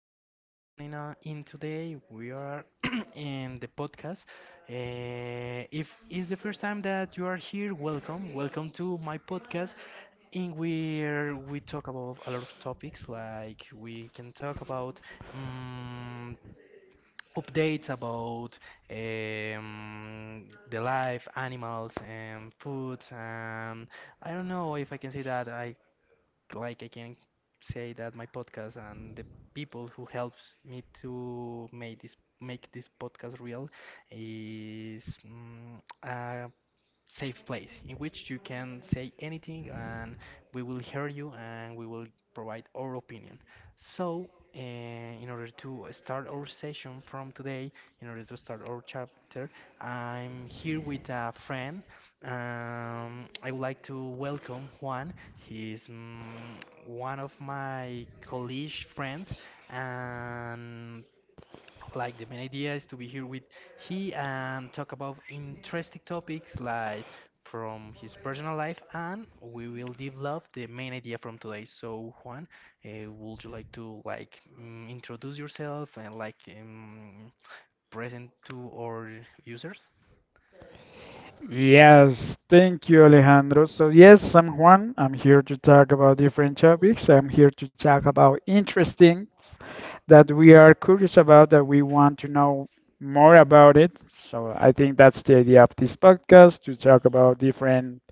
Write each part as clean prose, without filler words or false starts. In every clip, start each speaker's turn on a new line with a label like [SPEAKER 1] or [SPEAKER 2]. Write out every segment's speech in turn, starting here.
[SPEAKER 1] thanks for tuning on in today. We are in the podcast. If it's the first time that you are here, welcome. Welcome to my podcast in where we talk about a lot of topics like we can talk about um, updates about the life, animals, and food, and I don't know if I can say that I like I can say that my podcast and the people who helps me to make this podcast real is a safe place in which you can say anything and we will hear you and we will provide our opinion. So, in order to start our session from today, in order to start our chapter, I'm here with a friend. I would like to welcome Juan. He's one of my college friends, and like the main idea is to be here with he and talk about interesting topics like from his personal life, and we will develop the main idea from today. So Juan, would you like to like introduce yourself and like present to our users?
[SPEAKER 2] Yes, thank you, Alejandro. So, yes, I'm Juan. I'm here to talk about different topics. I'm here to talk about interesting that we are curious about, that we want to know more about it. So, I think that's the idea of this podcast to talk about different,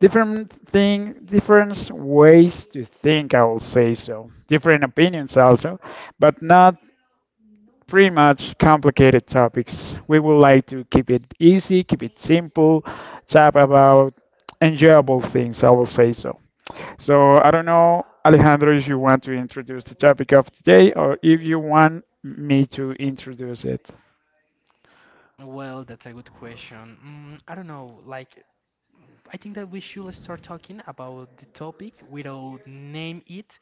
[SPEAKER 2] different thing, different ways to think. I will say so, different opinions also, but not pretty much complicated topics. We would like to keep it easy, keep it simple, talk about enjoyable things, I will say so. So I don't know, Alejandro, if you want to introduce the topic of today or if you want me to introduce it.
[SPEAKER 1] Well, that's a good question. I don't know, like I think that we should start talking about the topic without name it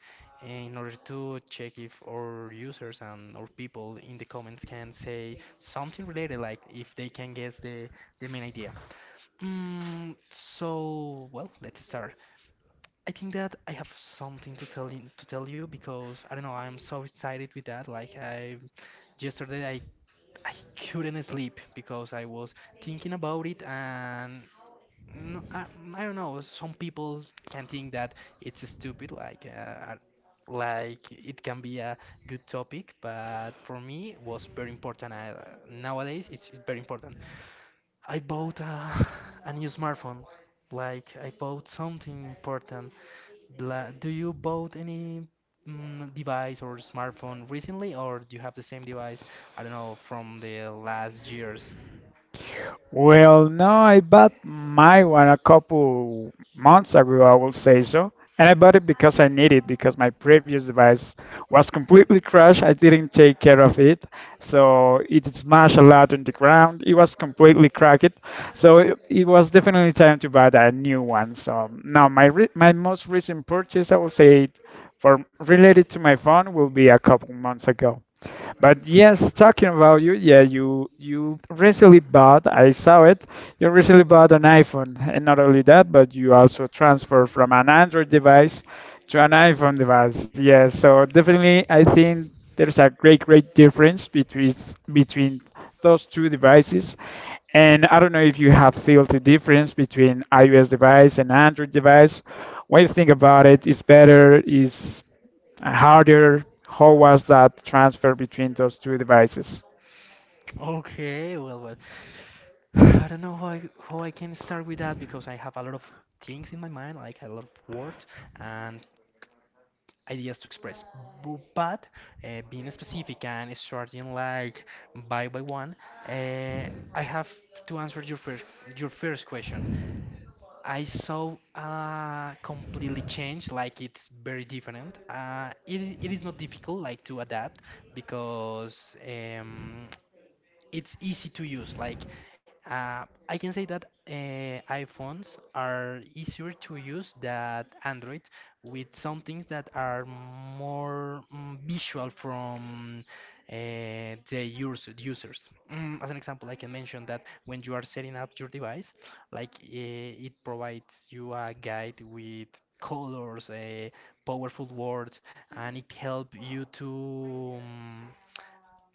[SPEAKER 1] in order to check if our users and our people in the comments can say something related, like if they can guess the main idea. So, well, let's start. I think that I have something to tell you because I don't know, I'm so excited with that. Like I yesterday I couldn't sleep because I was thinking about it and I I, I don't know. Some people can think that it's stupid, like it can be a good topic, but for me it was very important. Nowadays it's very important. I bought a new smartphone. Like I bought something important. Do you bought any device or smartphone recently, or do you have the same device? I don't know from the last years.
[SPEAKER 2] Well, no, I bought my one a couple months ago, I will say so. And I bought it because I need it, because my previous device was completely crashed. I didn't take care of it. So it smashed a lot on the ground. It was completely cracked. So it was definitely time to buy a new one. So now my most recent purchase, I will say, for related to my phone, will be a couple months ago. But yes, talking about you, yeah, you recently bought, I saw it, you recently bought an iPhone, and not only that, but you also transfer from an Android device to an iPhone device. Yes, so definitely I think there's a great, great difference between those two devices. And I don't know if you have felt the difference between iOS device and Android device. What you think about it? Is better? Is harder, how was that transfer between those two devices?
[SPEAKER 1] Okay, well, well. I don't know how I can start with that because I have a lot of things in my mind, like a lot of words and ideas to express. But being specific and starting like by one, uh, I have to answer your first question. I saw completely change, like it's very different. It is not difficult like to adapt because um, it's easy to use. Like I can say that iPhones are easier to use than Android with some things that are more visual from uh, the users. As an example, I can mention that when you are setting up your device, like it provides you a guide with colors, powerful words, and it helps you to,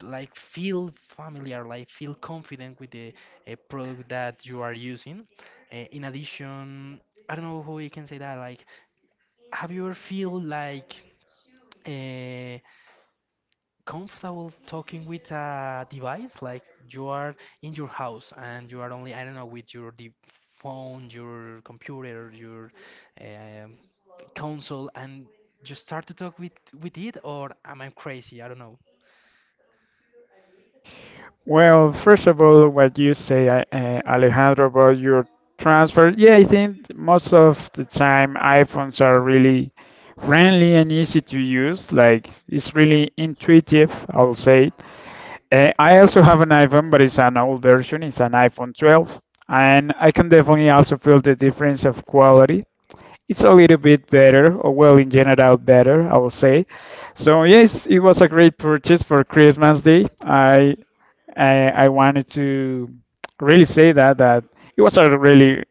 [SPEAKER 1] like feel familiar, like feel confident with the product that you are using. In addition, I don't know how we can say that. Like, have you ever feel like uh, comfortable talking with a device? Like you are in your house and you are only I don't know with your phone, your computer, your um console, and you start to talk with it, or am I crazy? I don't know.
[SPEAKER 2] Well, first of all, what you say, Alejandro, about your transfer, yeah, I think most of the time iPhones are really friendly and easy to use. Like, it's really intuitive, I'll say. I also have an iPhone, but it's an old version, it's an iPhone 12. And I can definitely also feel the difference of quality. It's a little bit better, or well, in general, better, I would say. So yes, it was a great purchase for Christmas Day. I wanted to really say that it was a really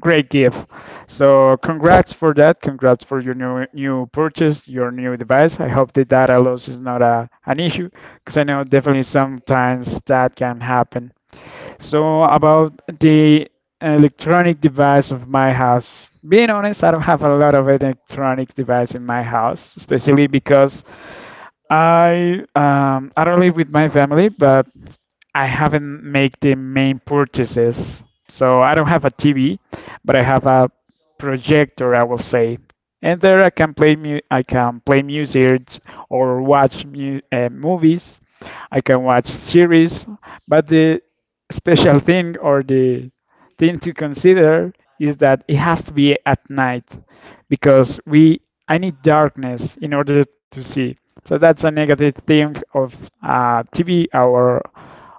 [SPEAKER 2] great gift. So congrats for that. Congrats for your new purchase, your new device. I hope the data loss is not a an issue because I know definitely sometimes that can happen. So about the electronic device of my house. Being honest, I don't have a lot of electronic device in my house, especially because I don't live with my family, but I haven't made the main purchases. So I don't have a TV, but I have a projector, I will say. And there I can play music or watch mu movies. I can watch series, but the special thing or the thing to consider is that it has to be at night because we I need darkness in order to see. So that's a negative thing of TV or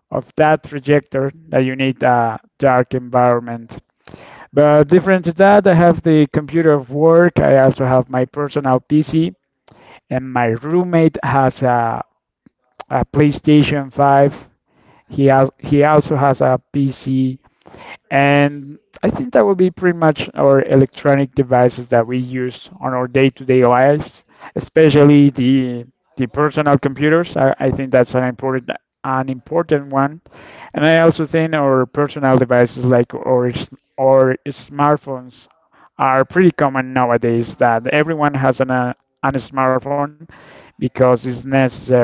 [SPEAKER 2] of that projector that you need a dark environment. But different to that, I have the computer of work. I also have my personal PC, and my roommate has a PlayStation 5. He also has a PC and I think that would be pretty much our electronic devices that we use on our day-to-day lives, especially the personal computers. I think that's an important one. And I also think our personal devices like our smartphones are pretty common nowadays that everyone has an smartphone because it's necessary.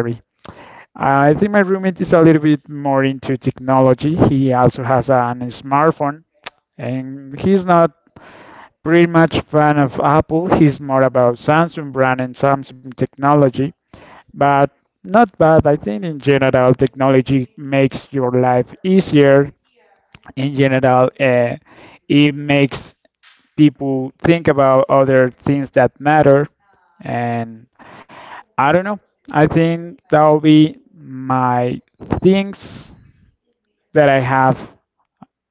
[SPEAKER 2] I think my roommate is a little bit more into technology. He also has an smartphone and he's not pretty much fan of Apple. He's more about Samsung brand and Samsung technology, but not bad. I think in general, technology makes your life easier. In general, it makes people think about other things that matter. And I don't know. I think that'll be my things that I have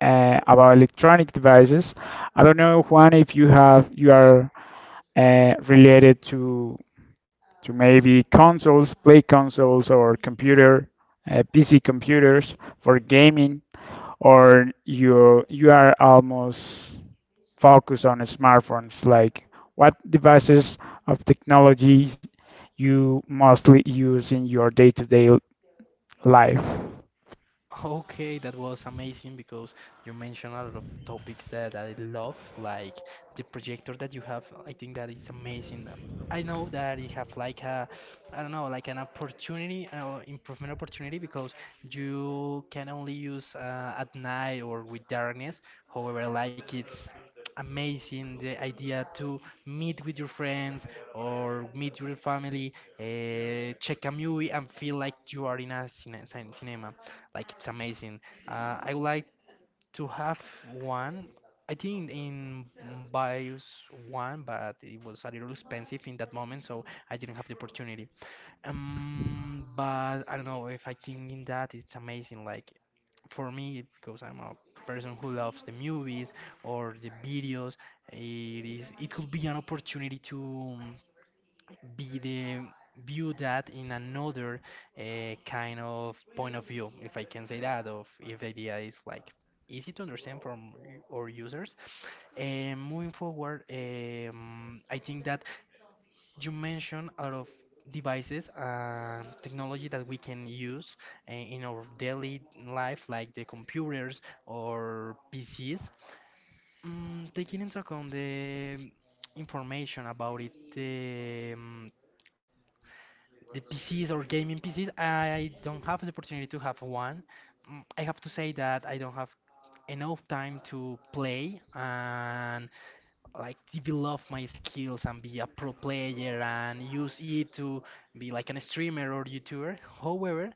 [SPEAKER 2] about electronic devices. I don't know, Juan, if you are related to maybe consoles, play consoles, or computer, PC computers for gaming, or you are almost focused on smartphones. Like what devices of technology you mostly use in your day-to-day life?
[SPEAKER 1] Okay, that was amazing because you mentioned a lot of topics that I love, like the projector that you have. I think that is amazing. I know that you have like I don't know, like an opportunity, improvement opportunity because you can only use at night or with darkness. However, like it's amazing the idea to meet with your friends or meet your family, check a movie and feel like you are in a cinema. Like it's amazing. I would like to have one. I think in BIOS one, but it was a little expensive in that moment, so I didn't have the opportunity. But I don't know if I think in that it's amazing. Like for me, because I'm a person who loves the movies or the videos, it it could be an opportunity to be the view that in another uh, kind of point of view, if I can say that, of if the idea is like easy to understand from our users. And moving forward, I think that you mentioned a lot of devices and technology that we can use in our daily life, like the computers or PCs. Taking into account the information about it, the PCs or gaming PCs, I don't have the opportunity to have one. I have to say that I don't have enough time to play and like develop my skills and be a pro player and use it to be like an streamer or YouTuber. However,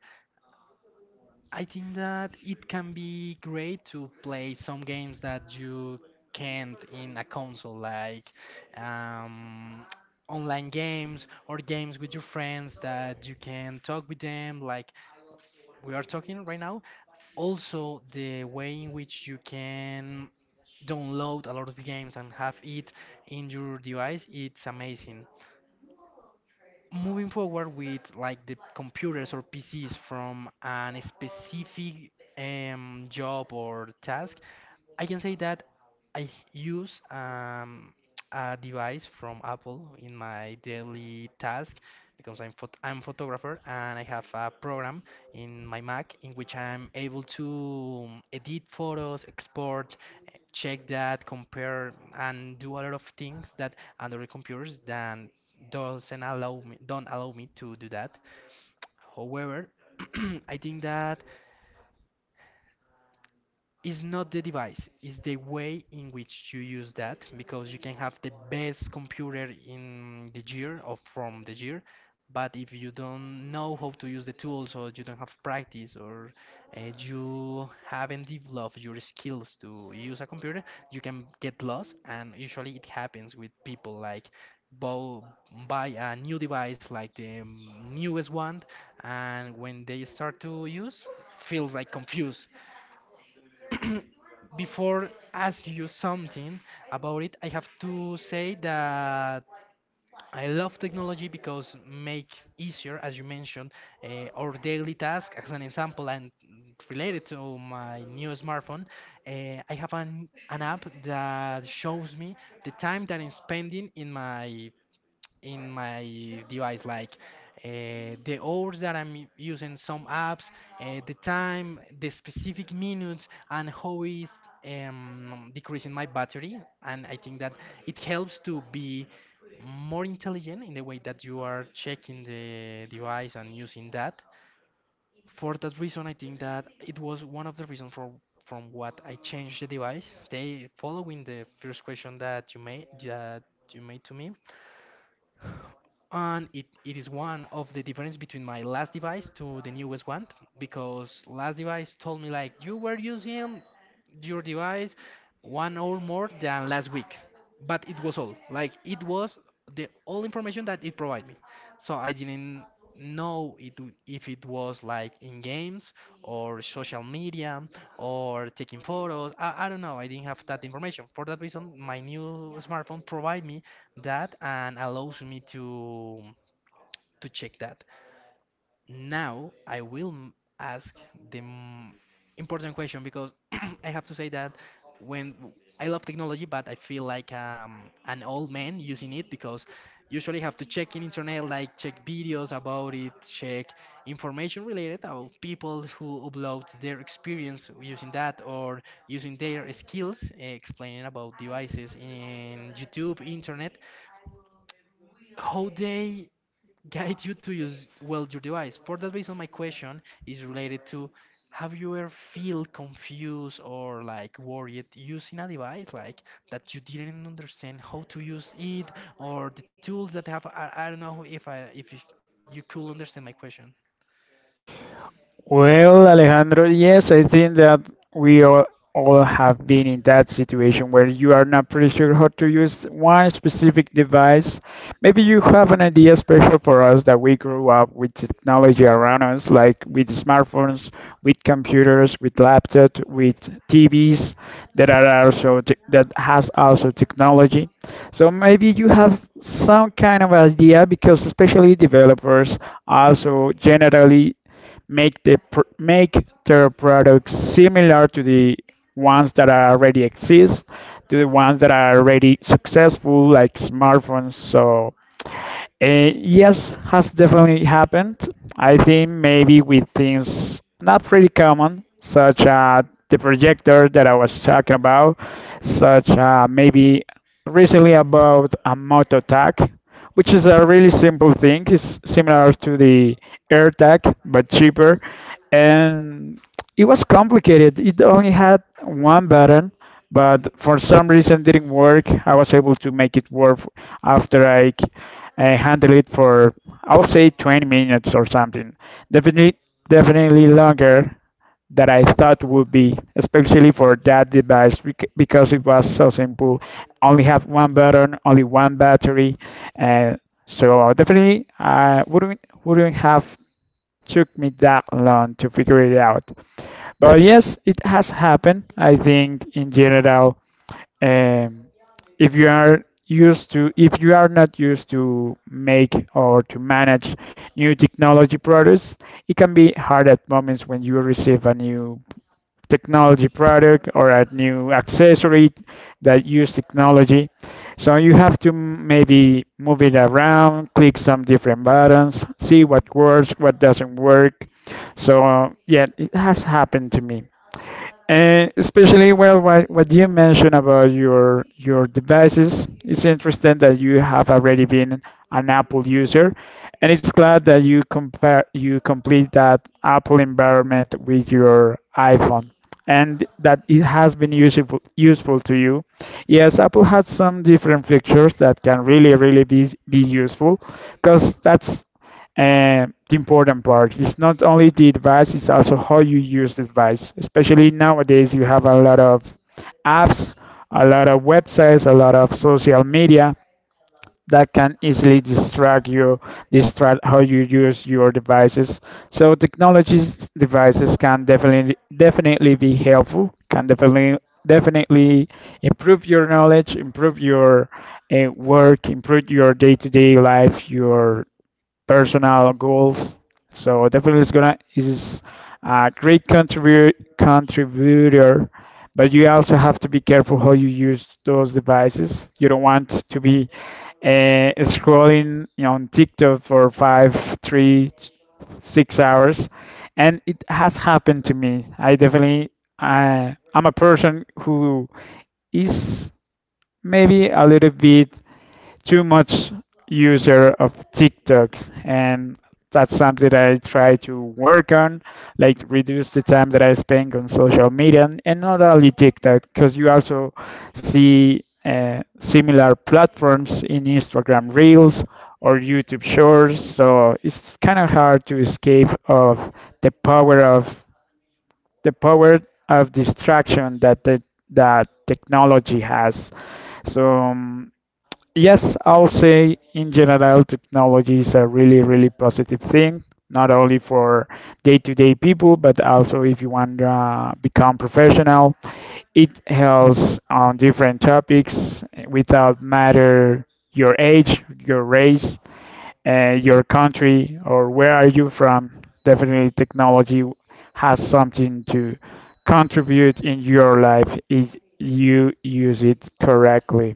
[SPEAKER 1] I think that it can be great to play some games that you can't in a console, like um, online games or games with your friends that you can talk with them, like we are talking right now. Also, the way in which you can download a lot of games and have it in your device, it's amazing moving forward with like the computers or PCs from an specific job or task, I can say that I use a device from Apple in my daily task because I'm photographer and I have a program in my Mac in which I'm able to edit photos, export, check that, compare, and do a lot of things that Android computers than doesn't allow me don't allow me to do that. However, I think that it's not the device, it's the way in which you use that because you can have the best computer in the year or from the year, but if you don't know how to use the tools or you don't have practice or you haven't developed your skills to use a computer, you can get lost. And usually it happens with people like bo- buy a new device like the newest one, and when they start to use, feels like confused. Before ask you something about it, I have to say that I love technology because makes easier, as you mentioned, our daily task. As an example, and related to my new smartphone, I have an app that shows me the time that I'm spending in my device, like the hours that I'm using some apps, the time, the specific minutes, and how is decreasing my battery. And I think that it helps to be more intelligent in the way that you are checking the device and using that. For that reason, I think that it was one of the reasons for from what I changed the device. They following the first question that you made to me. And it is one of the difference between my last device to the newest one because last device told me like you were using your device 1 hour more than last week. But it was all. Like it was the all information that it provided me. So I didn't know if it was like in games or social media or taking photos. I don't know. I didn't have that information. For that reason, my new smartphone provide me that and allows me to check that. Now I will ask the important question because I have to say that when w- I love technology, but I feel like an old man using it because usually have to check in internet, like check videos about it, check information related about people who upload their experience using that or using their skills, explaining about devices in YouTube, internet how they guide you to use well your device. For that reason, my question is related to have you ever feel confused or like worried using a device like that you didn't understand how to use it or the tools that have I don't know if I if you could understand my question.
[SPEAKER 2] Well, Alejandro, yes, I think that we all have been in that situation where you are not pretty sure how to use one specific device. Maybe you have an idea special for us that we grew up with technology around us, like with smartphones, with computers, with laptops, with TVs that are also tech that has also technology. So maybe you have some kind of idea because especially developers also generally make their products similar to the ones that are already exist, to the ones that are already successful, like smartphones. So yes, has definitely happened. I think maybe with things not pretty common, such as the projector that I was talking about, such maybe recently about a moto tag, which is a really simple thing. It's similar to the air tag, but cheaper. And it was complicated. It only had one button, but for some reason didn't work. I was able to make it work after I and handle it for I would say 20 minutes or something. Definitely, definitely longer than I thought would be, especially for that device because it was so simple. Only have one button, only one battery, and so definitely I wouldn't have took me that long to figure it out. But yes, it has happened. I think in general, um, if you are used to, if you are not used to make or to manage new technology products, it can be hard at moments when you receive a new technology product or a new accessory that use technology. So you have to maybe move it around, click some different buttons, see what works, what doesn't work. So yeah, it has happened to me. And especially, well, what you mentioned about your devices, it's interesting that you have already been an Apple user, and it's glad that you compare you complete that Apple environment with your iPhone, and that it has been useful to you. Yes, Apple has some different features that can really be useful, because that's the important part. Is not only the device, it's also how you use the device. Especially nowadays, you have a lot of apps, a lot of websites, a lot of social media that can easily distract you, distract how you use your devices. So technologies devices can definitely be helpful, can definitely improve your knowledge, improve your work, improve your day-to-day life, your personal goals. So definitely it's gonna is a great contribute contributor, but you also have to be careful how you use those devices. You don't want to be scrolling on TikTok for five, three, 6 hours, and it has happened to me. I definitely I I'm a person who is maybe a little bit too much user of TikTok, and that's something that I try to work on, like reduce the time that I spend on social media, and not only TikTok, because you also see similar platforms in Instagram Reels or YouTube Shorts. So it's kind of hard to escape of the power of the power of distraction that the that technology has. So yes, I would say in general, technology is a really, really positive thing, not only for day-to-day people, but also if you want to become professional. It helps on different topics without matter your age, your race, your country, or where are you from. Definitely, technology has something to contribute in your life if you use it correctly.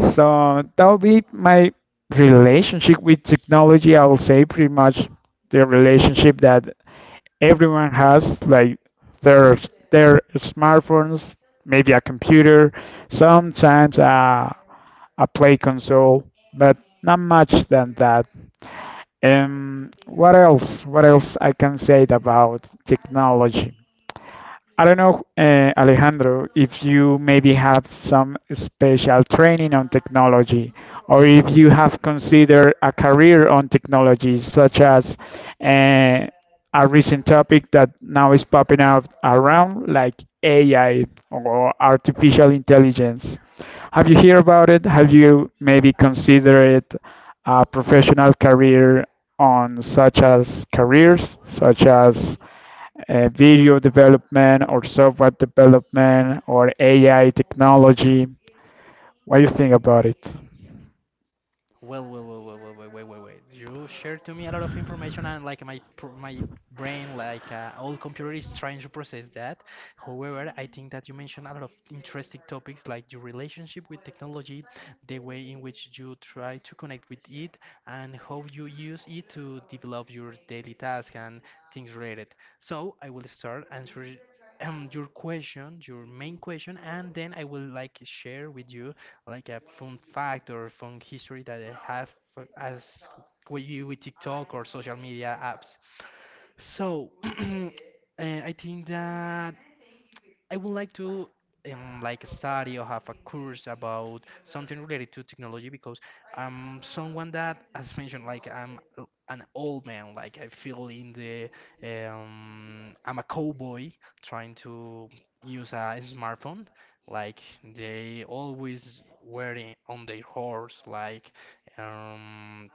[SPEAKER 2] So that'll be my relationship with technology. I will say pretty much the relationship that everyone has, like their their smartphones, maybe a computer, sometimes a play console, but not much than that. What else? What else I can say about technology? I don't know, Alejandro, if you maybe have some special training on technology, or if you have considered a career on technology, such as uh, a recent topic that now is popping up around, like AI or artificial intelligence. Have you heard about it? Have you maybe considered a professional career on such as careers, such as video development or software development or AI technology. What do you think about it?
[SPEAKER 1] Well, well, well, well, well, wait, wait, wait, wait. You shared to me a lot of information, and like my brain, like old computer, is trying to process that. However, I think that you mentioned a lot of interesting topics, like your relationship with technology, the way in which you try to connect with it, and how you use it to develop your daily task and things related. So I will start answering your question, your main question, and then I will like share with you like a fun fact or fun history that I have as with you with TikTok or social media apps. So, I think that I would like to like study or have a course about something related to technology because I'm someone that, as mentioned, like an old man. Like I feel in the I'm a cowboy trying to use a smartphone. Like they always were on their horse, like um,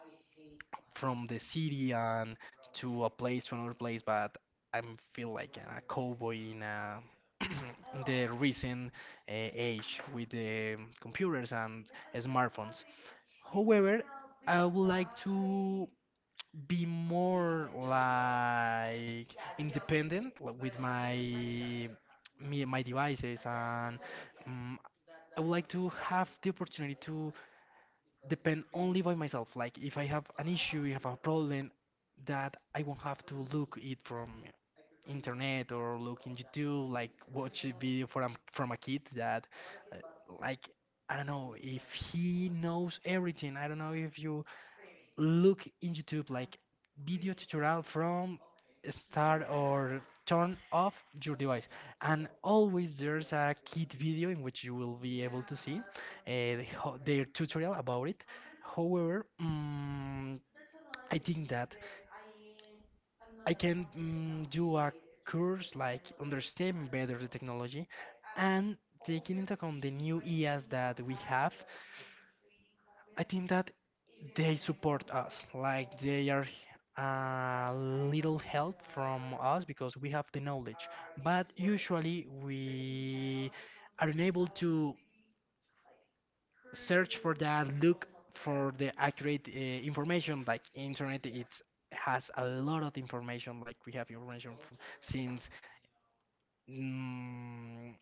[SPEAKER 1] from the city and to a place to another place, but I feel like a cowboy in a in the recent age with the computers and smartphones. However, I would like to be more like independent like, with my me, my devices, and um, I would like to have the opportunity to depend only by myself. Like if I have an issue, if I have a problem, that I won't have to look it from internet or look in YouTube, like watch a video from a kid that, uh, like, I don't know if he knows everything. I don't know if you look in YouTube like video tutorial from start or turn off your device, and always there's a kit video in which you will be able to see, the their tutorial about it. However, I think that I can do a course like understanding better the technology and taking into account the new eas that we have. I think that they support us, like they are a little help from us because we have the knowledge. But usually we are unable to search for that, look for the accurate, information. Like internet, it has a lot of information. Like we have information from, since mm,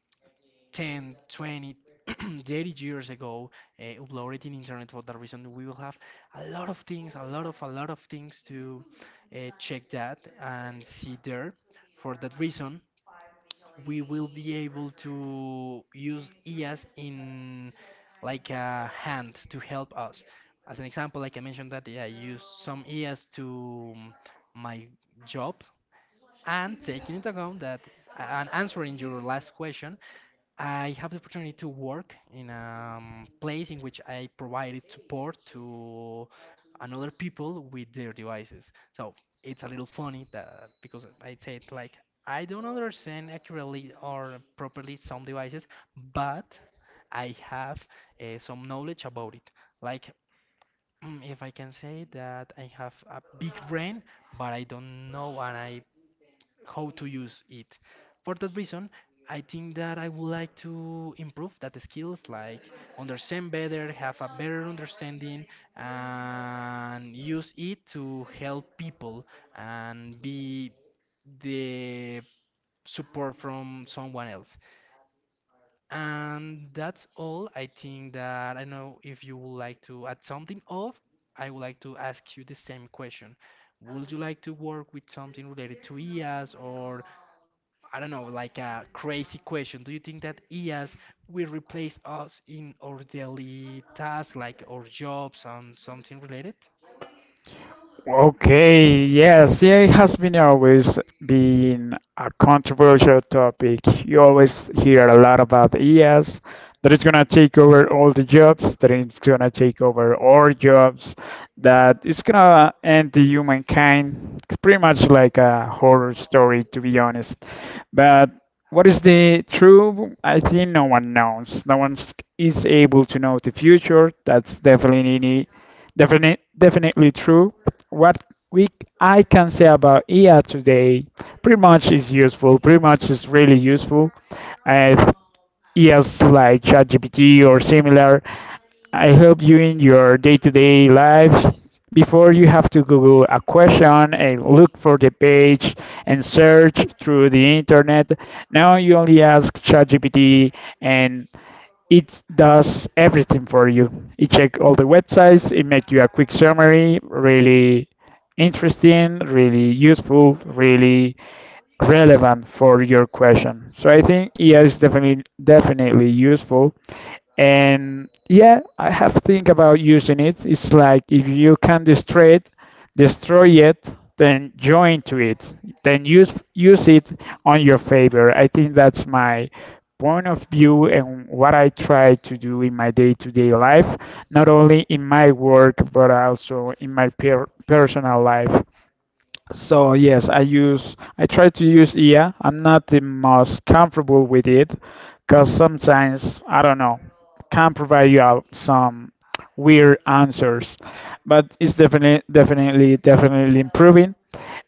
[SPEAKER 1] 10, 20, 30 years ago, uploaded in internet. For that reason, we will have a lot of things, a lot of things to, check that and see there. For that reason, we will be able to use EAS in like a hand to help us. As an example, like I mentioned that, yeah, I use some EAS to my job, and taking into account that and answering your last question, I have the opportunity to work in a place in which I provided support to another people with their devices. So it's a little funny that because I said like I don't understand accurately or properly some devices, but I have, some knowledge about it. Like if I can say that I have a big brain, but I don't know and I how to use it. For that reason, I think that I would like to improve that skills, like understand better, have a better understanding, and use it to help people and be the support from someone else. And that's all. I think that I know if you would like to add something off, I would like to ask you the same question. Would you like to work with something related to IAs, or I don't know, like a crazy question. Do you think that IAs will replace us in our daily tasks, like our jobs and something related?
[SPEAKER 2] Okay, yes, yeah, it has been always been a controversial topic. You always hear a lot about EAs that it's gonna take over all the jobs, that it's gonna take over our jobs, that it's gonna end the humankind. It's pretty much like a horror story, to be honest. But what is the truth? I think no one knows. No one is able to know the future. That's definitely true. What we I can say about AI today, pretty much is useful. Pretty much is really useful. Uh, EAs like ChatGPT or similar. I help you in your day-to-day life. Before you have to Google a question and look for the page and search through the internet. Now you only ask ChatGPT and it does everything for you. It check all the websites, it make you a quick summary, really interesting, really useful, really relevant for your question. So I think EI is definitely useful. And yeah, I have think about using it. It's like if you can destroy it, then join to it, then use it on your favor. I think that's my point of view and what I try to do in my day-to-day life, not only in my work but also in my personal life. So yes, I try to use IA. I'm not the most comfortable with it because sometimes I don't know can provide you out some weird answers, but it's definitely definitely improving.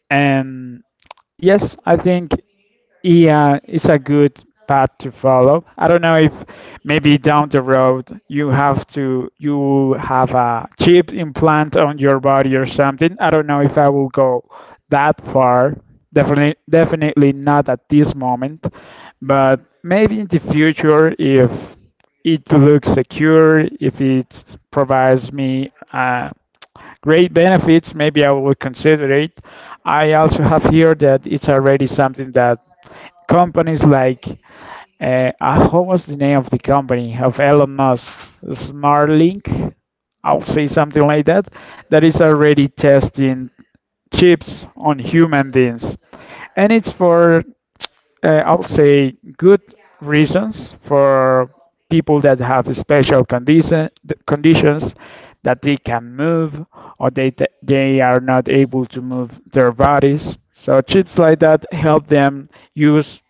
[SPEAKER 2] And yes, I think yeah, it's a good path to follow. I don't know if maybe down the road you have a chip implant on your body or something. I don't know if I will go that far. Definitely not at this moment, but maybe in the future if it looks secure, if it provides me great benefits. Maybe I will consider it. I also have here that it's already something that companies like what was the name of the company of Elon Musk, Starlink? I'll say something like that. That is already testing chips on human beings, and it's for I'll say good reasons for people that have conditions, that they can move or they are not able to move their bodies. So chips like that help them use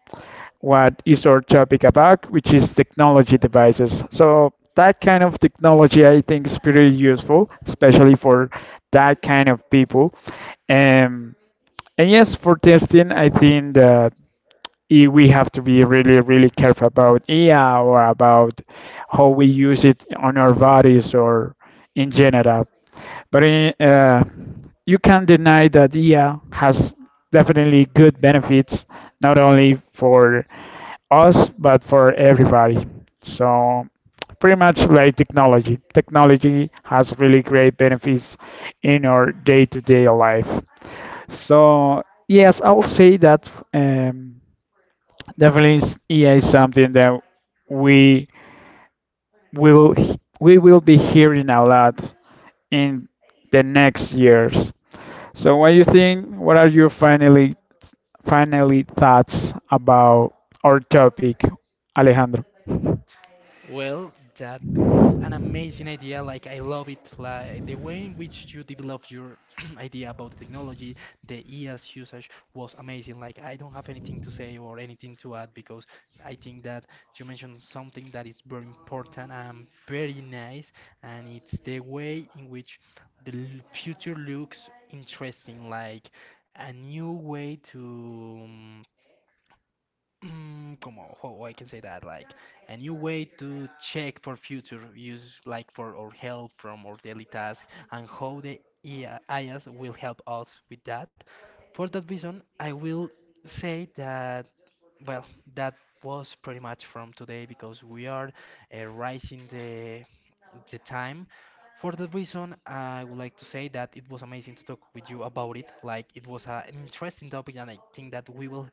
[SPEAKER 2] what is our topic about, which is technology devices. So that kind of technology I think is pretty useful, especially for that kind of people. Um, and yes, for testing, I think that we have to be really, really careful about AI or about how we use it on our bodies or in general. But eh, uh, you can't deny that AI has definitely good benefits, not only for us but for everybody. So pretty much like technology. Technology has really great benefits in our day-to-day life. So yes, I'll say that. EA is something that we we will be hearing a lot in the next years. So, what do you think? What are your finally thoughts about our topic, Alejandro?
[SPEAKER 1] Well, that was an amazing idea. Like I love it. Like the way in which you developed your idea about the technology, the EAS usage was amazing. Like I don't have anything to say or anything to add because I think that you mentioned something that is very important and very nice, and it's the way in which the future looks interesting, like a new way to. Come on, how I can say that, like a new way to check for future use, like for our help from our daily task, and how the AI IAs will help us with that. For that reason, I will say that, well, that was pretty much from today because we are, rising the time. For that reason, I would like to say that it was amazing to talk with you about it. Like it was an interesting topic, and I think that we will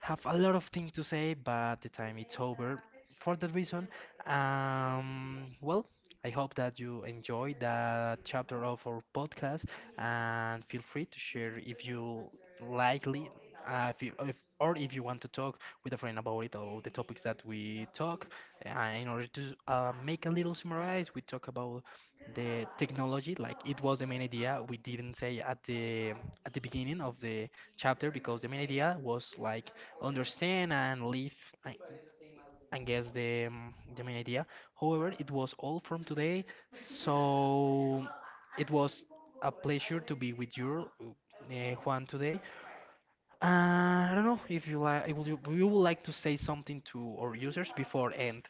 [SPEAKER 1] have a lot of things to say, but the time it's over. For that reason, well, I hope that you enjoy that chapter of our podcast, and feel free to share if you likely, if you, if, or if you want to talk with a friend about it or the topics that we talk. In order to, make a little summarize, we talk about the technology, like it was the main idea. We didn't say at the beginning of the chapter because the main idea was like understand and live I- and guess the main idea. However, it was all from today, so it was a pleasure to be with you, Juan, today. I don't know if you like, would you, you would like to say something to our users before end.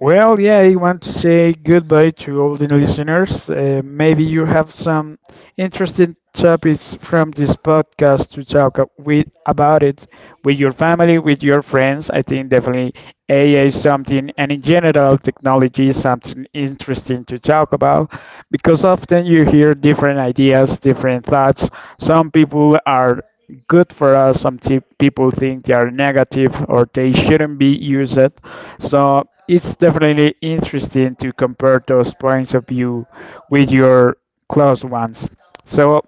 [SPEAKER 2] Well, yeah, I want to say goodbye to all the listeners. Maybe you have some interesting topics from this podcast to talk a- with about it with your family, with your friends. I think definitely AI is something, and in general, technology is something interesting to talk about because often you hear different ideas, different thoughts. Some people are good for us, some people think they are negative or they shouldn't be used. So it's definitely interesting to compare those points of view with your close ones. So,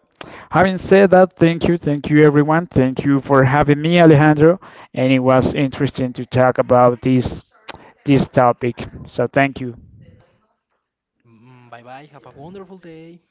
[SPEAKER 2] having said that, thank you everyone. Thank you for having me, Alejandro. And it was interesting to talk about this topic. So, thank you.
[SPEAKER 1] Bye bye. Have a wonderful day.